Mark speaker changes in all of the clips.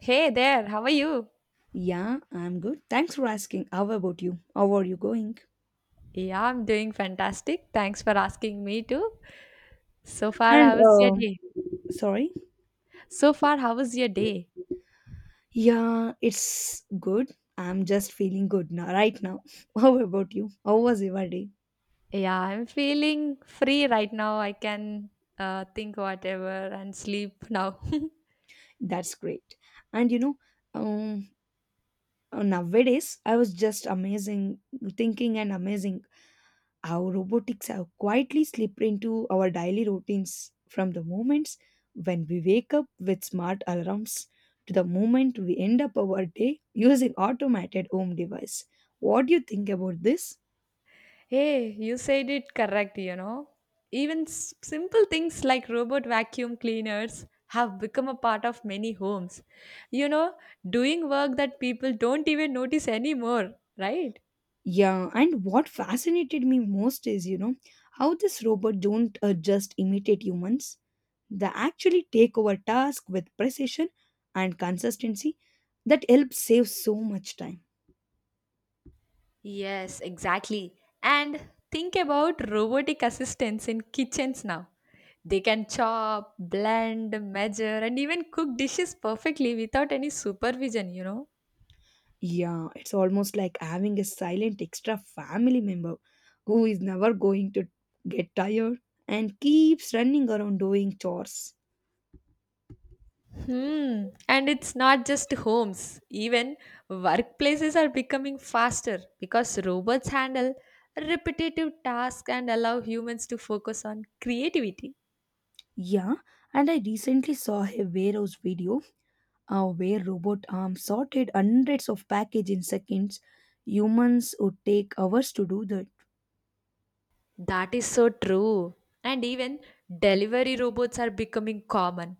Speaker 1: Hey there, how are you?
Speaker 2: Yeah, I'm good. Thanks for asking. How about you? How are you going?
Speaker 1: Yeah, I'm doing fantastic. Thanks for asking me too. So far,
Speaker 2: And
Speaker 1: how was your day?
Speaker 2: sorry.
Speaker 1: So far, how was your day?
Speaker 2: Yeah, it's good. I'm just feeling good now, right now. How about you? How was your day?
Speaker 1: Yeah, I'm feeling free right now. I can think whatever and sleep now.
Speaker 2: That's great. And you know, um, Nowadays I was just amazing thinking and amazing how robotics have quietly slipped into our daily routines, from the moments when we wake up with smart alarms to the moment we end up our day using automated home device. What do you think about this?
Speaker 1: Hey, you said it correct, you know. Even simple things like robot vacuum cleaners have become a part of many homes. You know, doing work that people don't even notice anymore, right?
Speaker 2: Yeah, and what fascinated me most is, how this robot don't just imitate humans. They actually take over task with precision and consistency that helps save so much time.
Speaker 1: Yes, exactly. And think about robotic assistants in kitchens now. They can chop, blend, measure, and even cook dishes perfectly without any supervision, you know?
Speaker 2: Yeah, it's almost like having a silent extra family member who is never going to get tired and keeps running around doing chores.
Speaker 1: Hmm. And it's not just homes, even workplaces are becoming faster because robots handle repetitive tasks and allow humans to focus on creativity.
Speaker 2: Yeah, and I recently saw a warehouse video where robot arms sorted hundreds of packages in seconds. Humans would take hours to do that.
Speaker 1: That is so true. And even delivery robots are becoming common,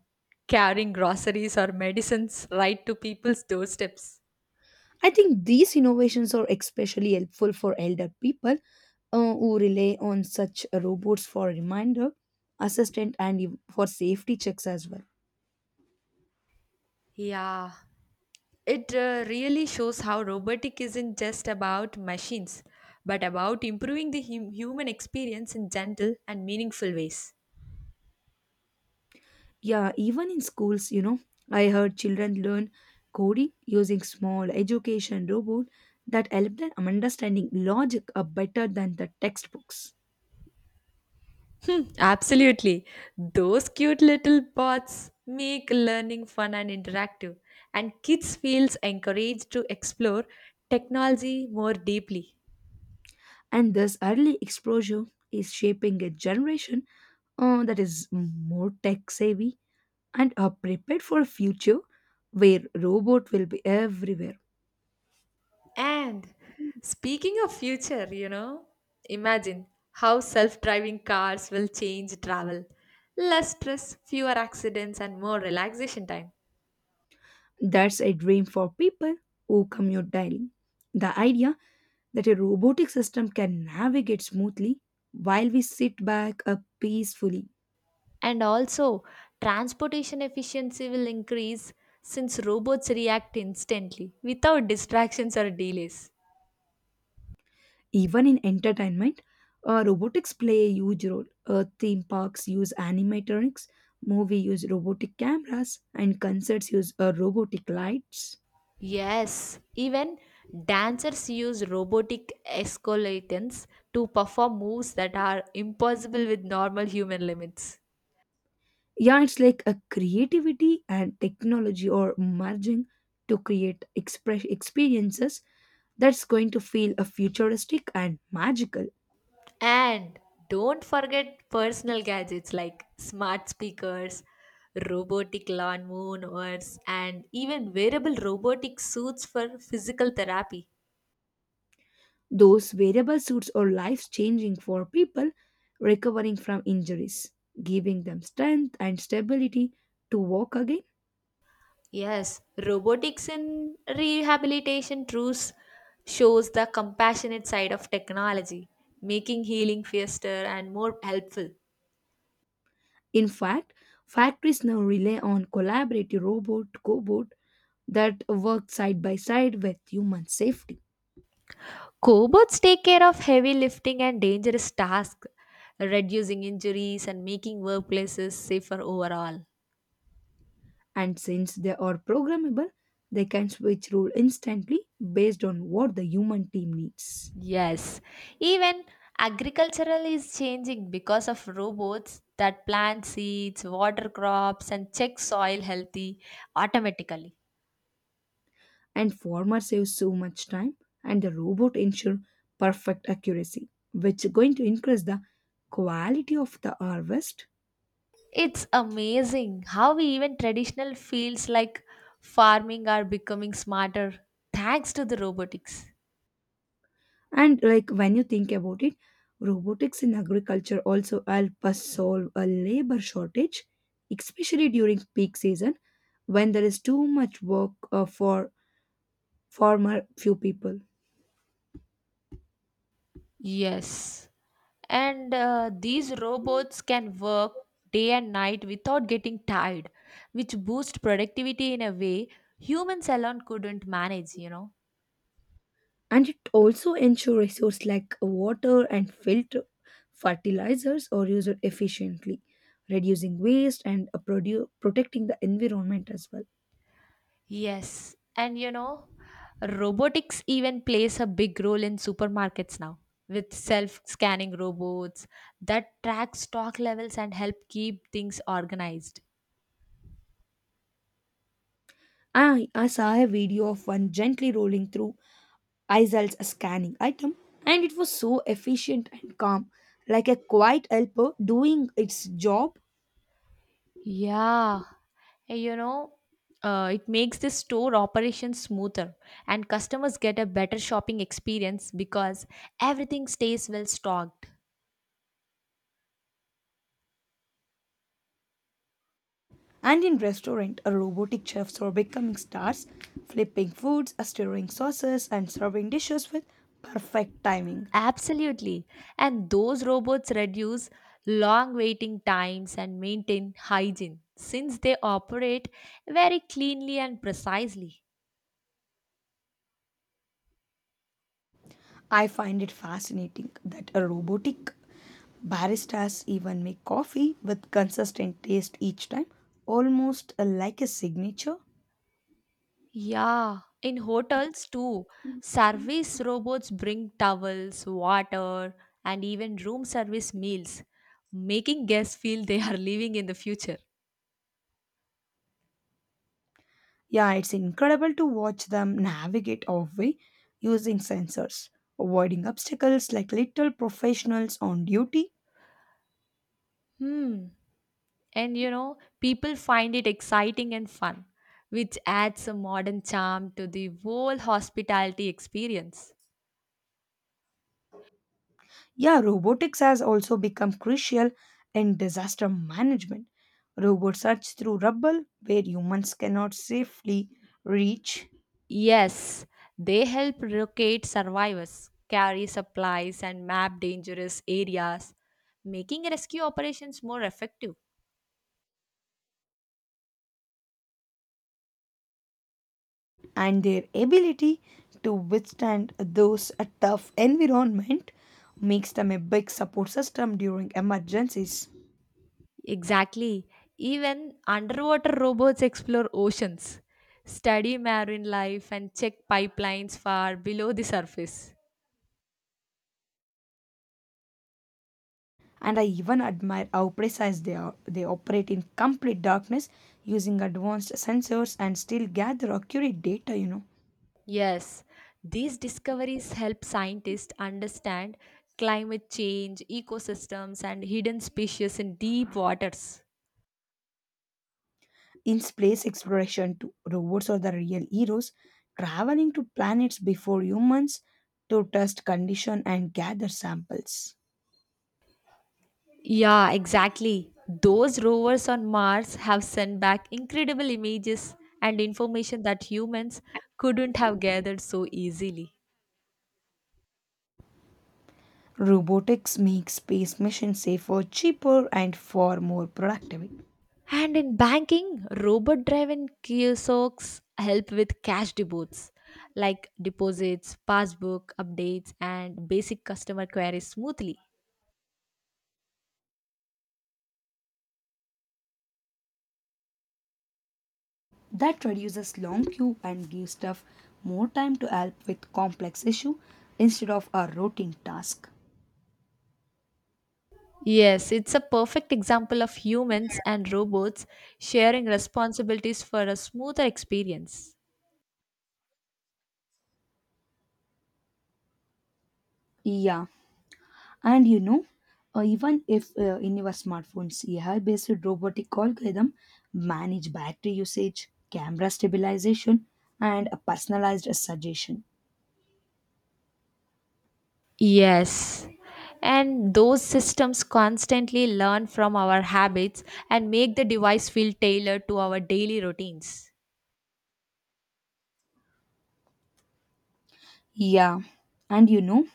Speaker 1: carrying groceries or medicines right to people's doorsteps.
Speaker 2: I think these innovations are especially helpful for elder people who rely on such robots for reminder, assistant, and for safety checks as well.
Speaker 1: Yeah, it really shows how robotic isn't just about machines, but about improving the human experience in gentle and meaningful ways.
Speaker 2: Yeah, even in schools, you know, I heard children learn coding using small education robot that help them understanding logic are better than the textbooks.
Speaker 1: Absolutely. Those cute little bots make learning fun and interactive, and kids feels encouraged to explore technology more deeply.
Speaker 2: And this early exposure is shaping a generation that is more tech savvy and are prepared for a future where robot will be everywhere.
Speaker 1: And speaking of future, you know, imagine how self driving cars will change travel. Less stress, fewer accidents, and more relaxation time.
Speaker 2: That's a dream for people who commute daily. The idea that a robotic system can navigate smoothly while we sit back up peacefully.
Speaker 1: And also, transportation efficiency will increase since robots react instantly without distractions or delays.
Speaker 2: Even in entertainment, robotics play a huge role. Theme parks use animatronics, movie use robotic cameras, and concerts use robotic lights.
Speaker 1: Yes, even dancers use robotic escalators to perform moves that are impossible with normal human limits.
Speaker 2: Yeah, it's like a creativity and technology are merging to create express experiences that's going to feel a futuristic and magical.
Speaker 1: And don't forget personal gadgets like smart speakers, robotic lawn mowers, and even wearable robotic suits for physical therapy.
Speaker 2: Those wearable suits are life changing for people recovering from injuries, giving them strength and stability to walk again.
Speaker 1: Yes, robotics in rehabilitation truths shows the compassionate side of technology, making healing faster and more helpful.
Speaker 2: In fact, factories now rely on collaborative robot cobot that work side by side with human safety.
Speaker 1: Cobots take care of heavy lifting and dangerous tasks, reducing injuries and making workplaces safer overall.
Speaker 2: And since they are programmable, they can switch role instantly based on what the human team needs.
Speaker 1: Yes, even agricultural is changing because of robots that plant seeds, water crops, and check soil healthy automatically.
Speaker 2: And farmer saves so much time and the robot ensure perfect accuracy, which is going to increase the quality of the harvest.
Speaker 1: It's amazing how even traditional fields like farming are becoming smarter thanks to the robotics.
Speaker 2: And like when you think about it, robotics in agriculture also help us solve a labor shortage, especially during peak season when there is too much work for farmer few people.
Speaker 1: Yes, and these robots can work day and night without getting tired, which boosts productivity in a way humans alone couldn't manage, you know.
Speaker 2: And it also ensure resources like water and filter fertilizers are used efficiently, reducing waste and protecting the environment as well.
Speaker 1: Yes, and you know, robotics even plays a big role in supermarkets now with self-scanning robots that track stock levels and help keep things organized.
Speaker 2: I saw a video of one gently rolling through icel's scanning item, and it was so efficient and calm, like a quiet helper doing its job.
Speaker 1: Yeah, and you know, it makes the store operation smoother and customers get a better shopping experience because everything stays well stocked.
Speaker 2: And in restaurant, robotic chefs are becoming stars, flipping foods, stirring sauces, and serving dishes with perfect timing.
Speaker 1: Absolutely. And those robots reduce long waiting times and maintain hygiene since they operate very cleanly and precisely.
Speaker 2: I find it fascinating that a robotic baristas even make coffee with consistent taste each time, almost like a signature.
Speaker 1: Yeah, in hotels too, service robots bring towels, water, and even room service meals, making guests feel they are living in the future.
Speaker 2: Yeah, it's incredible to watch them navigate our way using sensors, avoiding obstacles like little professionals on duty.
Speaker 1: Hmm. And you know, people find it exciting and fun, which adds a modern charm to the whole hospitality experience.
Speaker 2: Yeah, robotics has also become crucial in disaster management. Robots search through rubble where humans cannot safely reach.
Speaker 1: Yes, they help locate survivors, carry supplies, and map dangerous areas, making rescue operations more effective.
Speaker 2: And their ability to withstand those a tough environment makes them a big support system during emergencies.
Speaker 1: Exactly. Even underwater robots explore oceans, study marine life, and check pipelines far below the surface.
Speaker 2: And I even admire how precise they are. They operate in complete darkness using advanced sensors and still gather accurate data, you know.
Speaker 1: Yes, these discoveries help scientists understand climate change, ecosystems, and hidden species in deep waters.
Speaker 2: In space exploration too, robots are the real heroes, traveling to planets before humans to test condition and gather samples.
Speaker 1: Yeah, exactly. Those rovers on Mars have sent back incredible images and information that humans couldn't have gathered so easily.
Speaker 2: Robotics makes space missions safer, cheaper, and far more productive.
Speaker 1: And in banking, robot driven kiosks help with cash deposits like deposits, passbook updates, and basic customer queries smoothly.
Speaker 2: That reduces long queue and gives staff more time to help with complex issue instead of a routine task.
Speaker 1: Yes, it's a perfect example of humans and robots sharing responsibilities for a smoother experience.
Speaker 2: Yeah, and you know, even if in your smartphones, AI-based robotic algorithm manage battery usage, camera stabilization, and a personalized suggestion.
Speaker 1: Yes. And those systems constantly learn from our habits and make the device feel tailored to our daily routines.
Speaker 2: Yeah, and you know,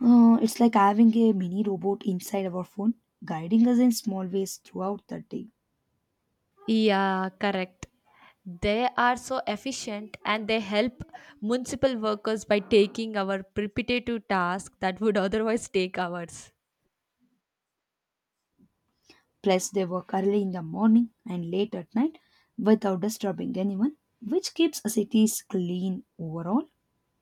Speaker 2: It's like having a mini robot inside our phone, guiding us in small ways throughout the day.
Speaker 1: Yeah, correct. They are so efficient and they help municipal workers by taking our repetitive tasks that would otherwise take hours.
Speaker 2: Plus, they work early in the morning and late at night without disturbing anyone, which keeps cities clean overall.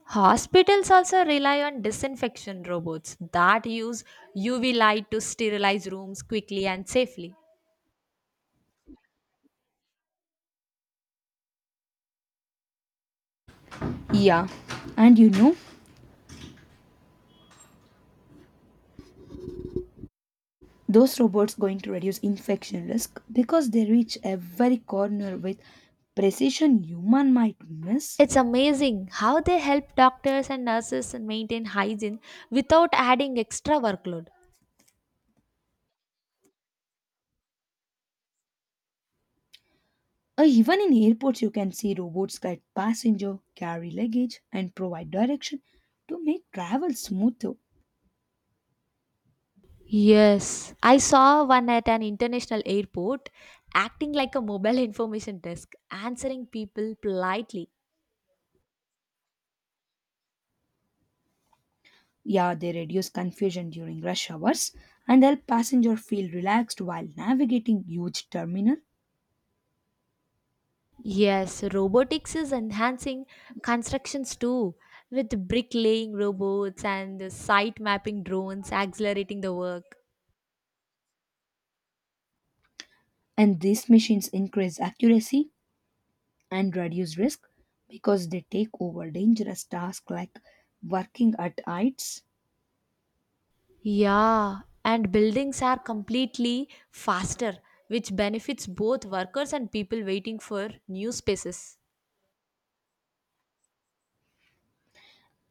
Speaker 1: Hospitals also rely on disinfection robots that use UV light to sterilize rooms quickly and safely.
Speaker 2: Yeah, and you know, those robots going to reduce infection risk because they reach every corner with precision human might miss.
Speaker 1: It's amazing how they help doctors and nurses maintain hygiene without adding extra workload.
Speaker 2: Even in airports, you can see robots guide passenger, carry luggage, and provide direction to make travel smoother.
Speaker 1: Yes, I saw one at an international airport acting like a mobile information desk, answering people politely.
Speaker 2: Yeah, they reduce confusion during rush hours and help passenger feel relaxed while navigating huge terminal.
Speaker 1: Yes, robotics is enhancing constructions too, with bricklaying robots and site mapping drones accelerating the work.
Speaker 2: And these machines increase accuracy and reduce risk because they take over dangerous tasks like working at heights.
Speaker 1: Yeah, and buildings are completely faster, which benefits both workers and people waiting for new spaces.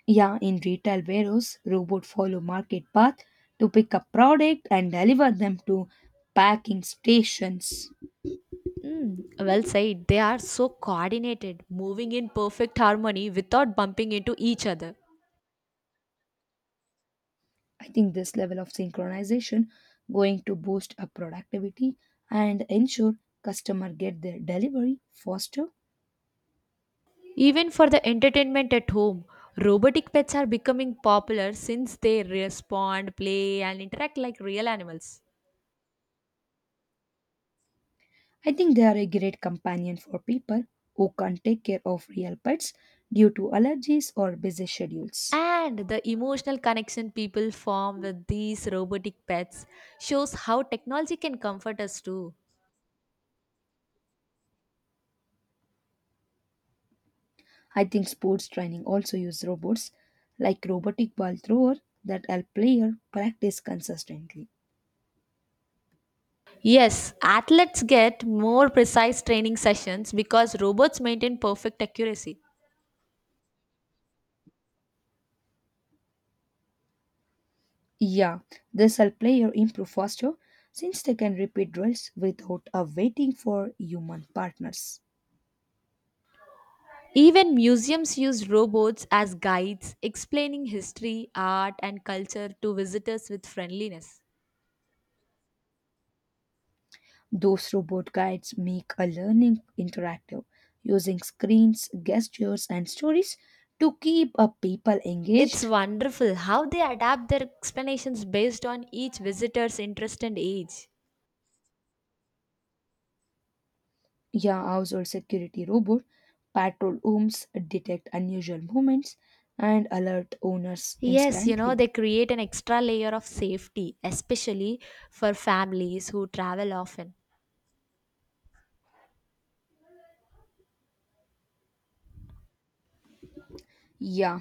Speaker 2: Yeah, in retail warehouse, robots follow market path to pick up product and deliver them to packing stations.
Speaker 1: Mm, well said. They are so coordinated, moving in perfect harmony without bumping into each other.
Speaker 2: I think this level of synchronization going to boost up productivity and ensure customer get their delivery faster.
Speaker 1: Even for the entertainment at home, robotic pets are becoming popular since they respond, play, and interact like real animals.
Speaker 2: I think they are a great companion for people who can't take care of real pets due to allergies or busy schedules.
Speaker 1: And the emotional connection people form with these robotic pets shows how technology can comfort us too.
Speaker 2: I think sports training also use robots like robotic ball thrower that help player practice consistently.
Speaker 1: Yes, athletes get more precise training sessions because robots maintain perfect accuracy.
Speaker 2: Yeah, this help player improve faster since they can repeat drills without waiting for human partners.
Speaker 1: Even museums use robots as guides, explaining history, art, and culture to visitors with friendliness.
Speaker 2: Those robot guides make a learning interactive using screens, gestures, and stories to keep people
Speaker 1: It's
Speaker 2: engaged.
Speaker 1: wonderful how they adapt their explanations based on each visitor's interest and age.
Speaker 2: Yeah, household security robot patrol homes, detect unusual movements, and alert owners
Speaker 1: Yes, you know,
Speaker 2: instantly.
Speaker 1: they create an extra layer of safety, especially for families who travel often.
Speaker 2: Yeah,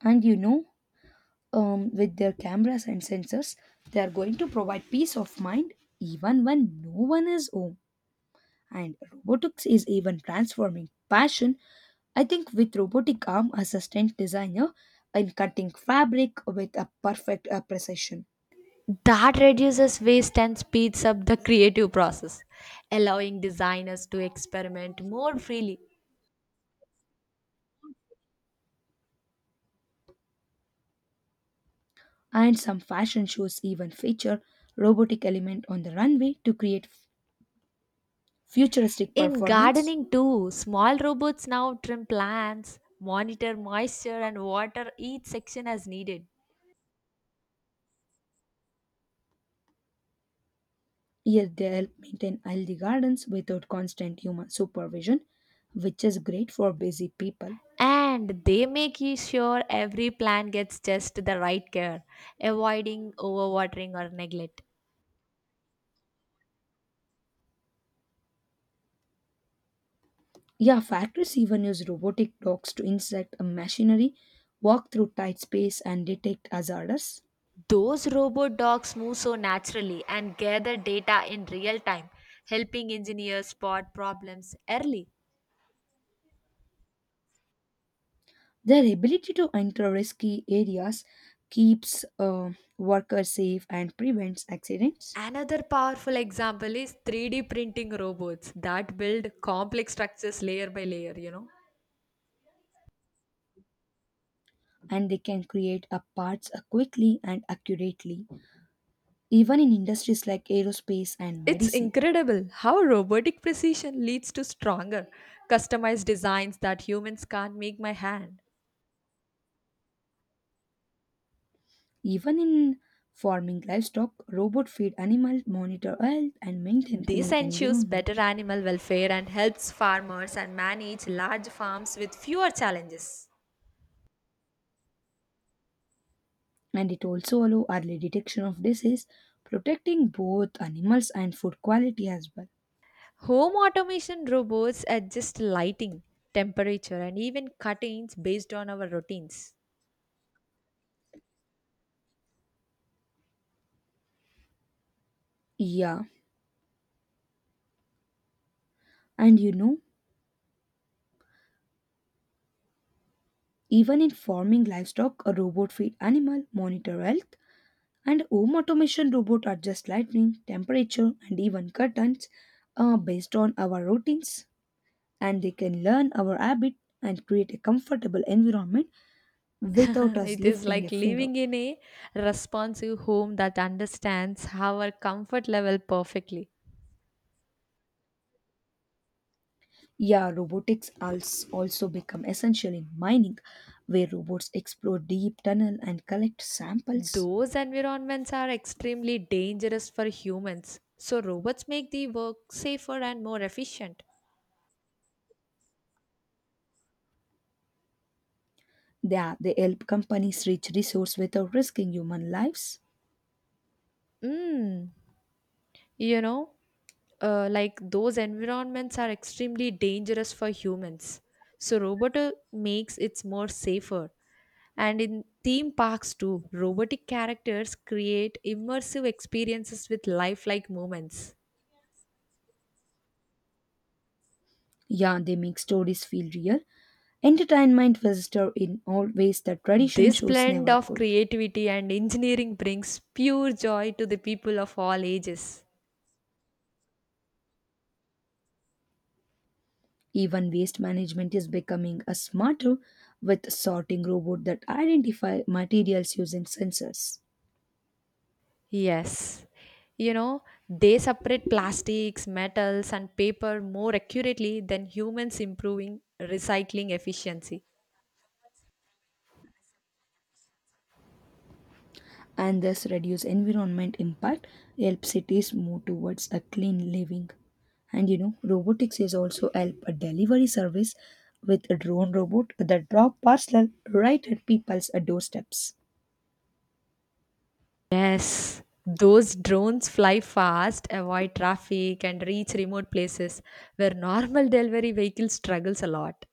Speaker 2: and you know, with their cameras and sensors, they are going to provide peace of mind even when no one is home. And robotics is even transforming passion. I think with robotic arm assistant designer in cutting fabric with a perfect precision.
Speaker 1: That reduces waste and speeds up the creative process, allowing designers to experiment more freely.
Speaker 2: And some fashion shows even feature robotic element on the runway to create futuristic
Speaker 1: In
Speaker 2: performance.
Speaker 1: gardening, too, small robots now trim plants, monitor moisture, and water each section as needed.
Speaker 2: Yet they help maintain healthy gardens without constant human supervision, which is great for busy people.
Speaker 1: And they make you sure every plant gets just the right care, avoiding overwatering or neglect.
Speaker 2: Yeah, factories even use robotic dogs to inspect a machinery, walk through tight space, and detect hazards.
Speaker 1: Those robot dogs move so naturally and gather data in real time, helping engineers spot problems early.
Speaker 2: Their ability to enter risky areas keeps workers safe and prevents accidents.
Speaker 1: Another powerful example is 3D printing robots that build complex structures layer by layer.
Speaker 2: And they can create a parts quickly and accurately, even in industries like aerospace and
Speaker 1: It's
Speaker 2: medicine.
Speaker 1: incredible how robotic precision leads to stronger, customized designs that humans can't make by hand.
Speaker 2: Even in farming, livestock robot feed animals, monitor health, and maintain
Speaker 1: This
Speaker 2: clean
Speaker 1: ensures better
Speaker 2: environment.
Speaker 1: animal welfare and helps farmers and manage large farms with fewer challenges.
Speaker 2: And it also allow early detection of disease, protecting both animals and food quality as well.
Speaker 1: Home automation robots adjust lighting, temperature, and even cuttings based on our routines.
Speaker 2: Yeah, and you know, even in farming, livestock a robot feed animal monitor health. And home automation robots adjust lighting, temperature, and even curtains based on our routines. And they can learn our habit and create a comfortable environment without us
Speaker 1: It is
Speaker 2: lifting a
Speaker 1: like
Speaker 2: finger.
Speaker 1: living in a responsive home that understands our comfort level perfectly.
Speaker 2: Yeah, robotics has also become essential in mining, where robots explore deep tunnel and collect samples.
Speaker 1: Those environments are extremely dangerous for humans, so robots make the work safer and more efficient.
Speaker 2: They help companies reach resource without risking human lives.
Speaker 1: Mm, you know, like those environments are extremely dangerous for humans. So Roboto makes it more safer. And in theme parks too, robotic characters create immersive experiences with lifelike moments.
Speaker 2: Yeah, they make stories feel real, entertainment visitor in all ways that tradition
Speaker 1: This
Speaker 2: shows
Speaker 1: blend
Speaker 2: never
Speaker 1: of
Speaker 2: could.
Speaker 1: creativity and engineering brings pure joy to the people of all ages.
Speaker 2: Even waste management is becoming a smarter with sorting robot that identify materials using sensors.
Speaker 1: Yes, you know, they separate plastics, metals, and paper more accurately than humans, improving recycling efficiency.
Speaker 2: And thus reduce environment impact, help cities move towards a clean living. And you know, robotics is also help a delivery service with a drone robot that drop parcel right at people's doorsteps.
Speaker 1: Yes, those drones fly fast, avoid traffic, and reach remote places where normal delivery vehicle struggles a lot.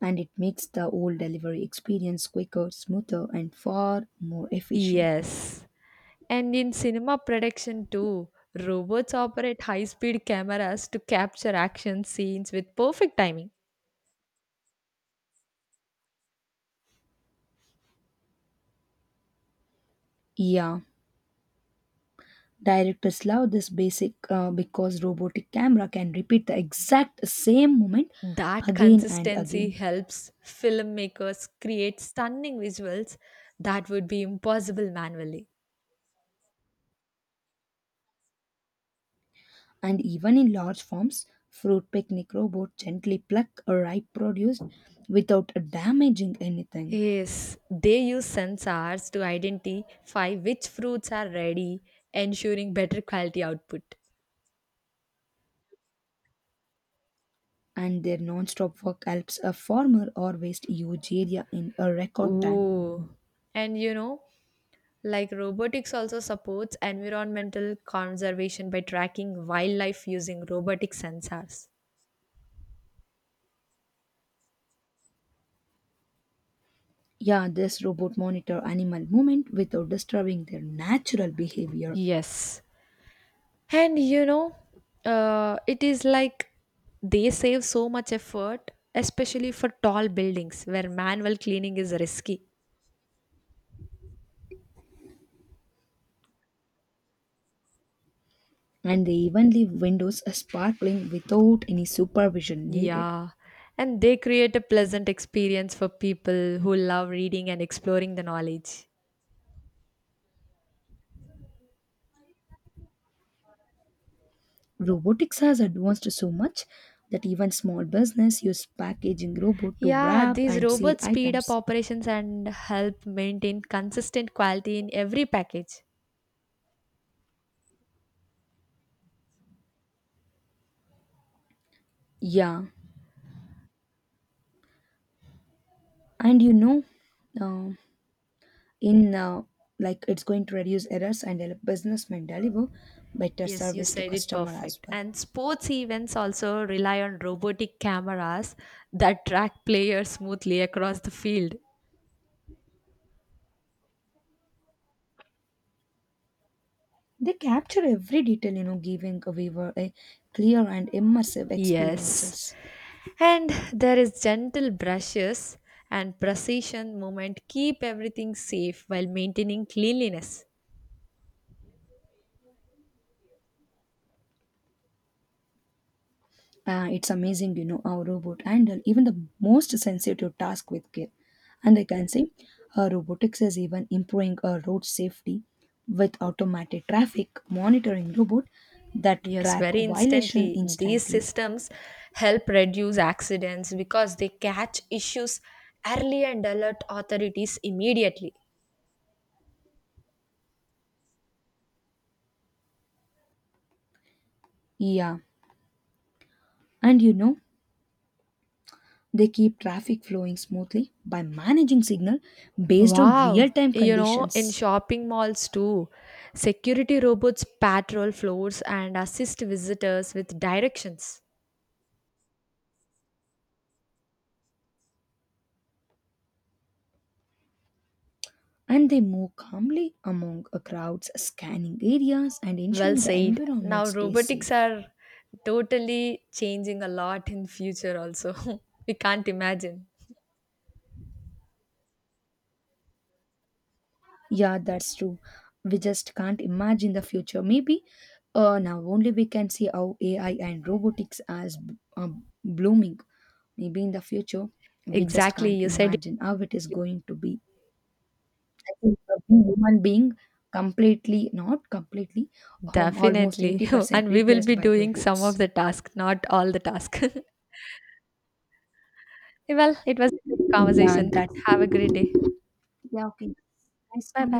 Speaker 2: And it makes the whole delivery experience quicker, smoother, and far more efficient.
Speaker 1: Yes, and in cinema production too, robots operate high speed cameras to capture action scenes with perfect timing.
Speaker 2: Yeah, directors love this basic because robotic camera can repeat the exact same moment
Speaker 1: That
Speaker 2: again and
Speaker 1: consistency
Speaker 2: again.
Speaker 1: helps filmmakers create stunning visuals that would be impossible manually.
Speaker 2: And even in large forms, fruit picnic robot gently pluck a ripe produce without damaging anything.
Speaker 1: Yes, they use sensors to identify which fruits are ready, ensuring better quality output.
Speaker 2: And their non-stop work helps a farmer harvest huge area in a record time.
Speaker 1: Ooh. And you know, like, robotics also supports environmental conservation by tracking wildlife using robotic sensors.
Speaker 2: Yeah, this robot monitor animal movement without disturbing their natural behavior,
Speaker 1: Yes. And you know, it is like they save so much effort, especially for tall buildings where manual cleaning is risky.
Speaker 2: and they even leave windows sparkling without any supervision needed.
Speaker 1: Yeah, and they create a pleasant experience for people who love reading and exploring the knowledge.
Speaker 2: Robotics has advanced so much that even small business use packaging robot to
Speaker 1: Yeah,
Speaker 2: wrap
Speaker 1: these
Speaker 2: and seal
Speaker 1: robots speed up
Speaker 2: items.
Speaker 1: operations and help maintain consistent quality in every package.
Speaker 2: Yeah, and you know, um, in like it's going to reduce errors and help businessmen deliver better
Speaker 1: Yes, you
Speaker 2: service to
Speaker 1: said it
Speaker 2: customer as
Speaker 1: perfect.
Speaker 2: well.
Speaker 1: And sports events also rely on robotic cameras that track players smoothly across the field.
Speaker 2: They capture every detail, you know, giving a viewer a clear and immersive
Speaker 1: Yes.
Speaker 2: experiences.
Speaker 1: And there is gentle brushes and precision movement keep everything safe while maintaining cleanliness.
Speaker 2: It's amazing, you know, how robot handle even the most sensitive task with care. And I can say, robotics is even improving road safety with automated traffic monitoring robot that
Speaker 1: Yes,
Speaker 2: track
Speaker 1: very
Speaker 2: violation
Speaker 1: instantly. These
Speaker 2: instantly.
Speaker 1: systems help reduce accidents because they catch issues early and alert authorities immediately.
Speaker 2: Yeah, and you know, they keep traffic flowing smoothly by managing signal based on
Speaker 1: Wow,
Speaker 2: real-time
Speaker 1: you know, in
Speaker 2: conditions.
Speaker 1: shopping malls too, security robots patrol floors and assist visitors with directions.
Speaker 2: And they move calmly among a crowds, scanning areas and
Speaker 1: Well
Speaker 2: ensuring the
Speaker 1: said.
Speaker 2: environment
Speaker 1: Now
Speaker 2: stays
Speaker 1: robotics
Speaker 2: safe.
Speaker 1: are totally changing a lot in future also. We can't imagine.
Speaker 2: Yeah, that's true. We just can't imagine the future. Maybe now only we can see how AI and robotics as blooming. Maybe in the future, we just
Speaker 1: Exactly,
Speaker 2: can't
Speaker 1: you said.
Speaker 2: imagine how it is going to be. I think being human being completely, not completely, almost
Speaker 1: Definitely.
Speaker 2: 80%
Speaker 1: And we will
Speaker 2: replaced
Speaker 1: be
Speaker 2: by
Speaker 1: doing some of
Speaker 2: robots.
Speaker 1: the task, not all the task. Well, it was a good
Speaker 2: Yeah,
Speaker 1: conversation.
Speaker 2: that's
Speaker 1: Have a great day.
Speaker 2: yeah, okay. Nice
Speaker 1: Bye bye.
Speaker 2: conversation.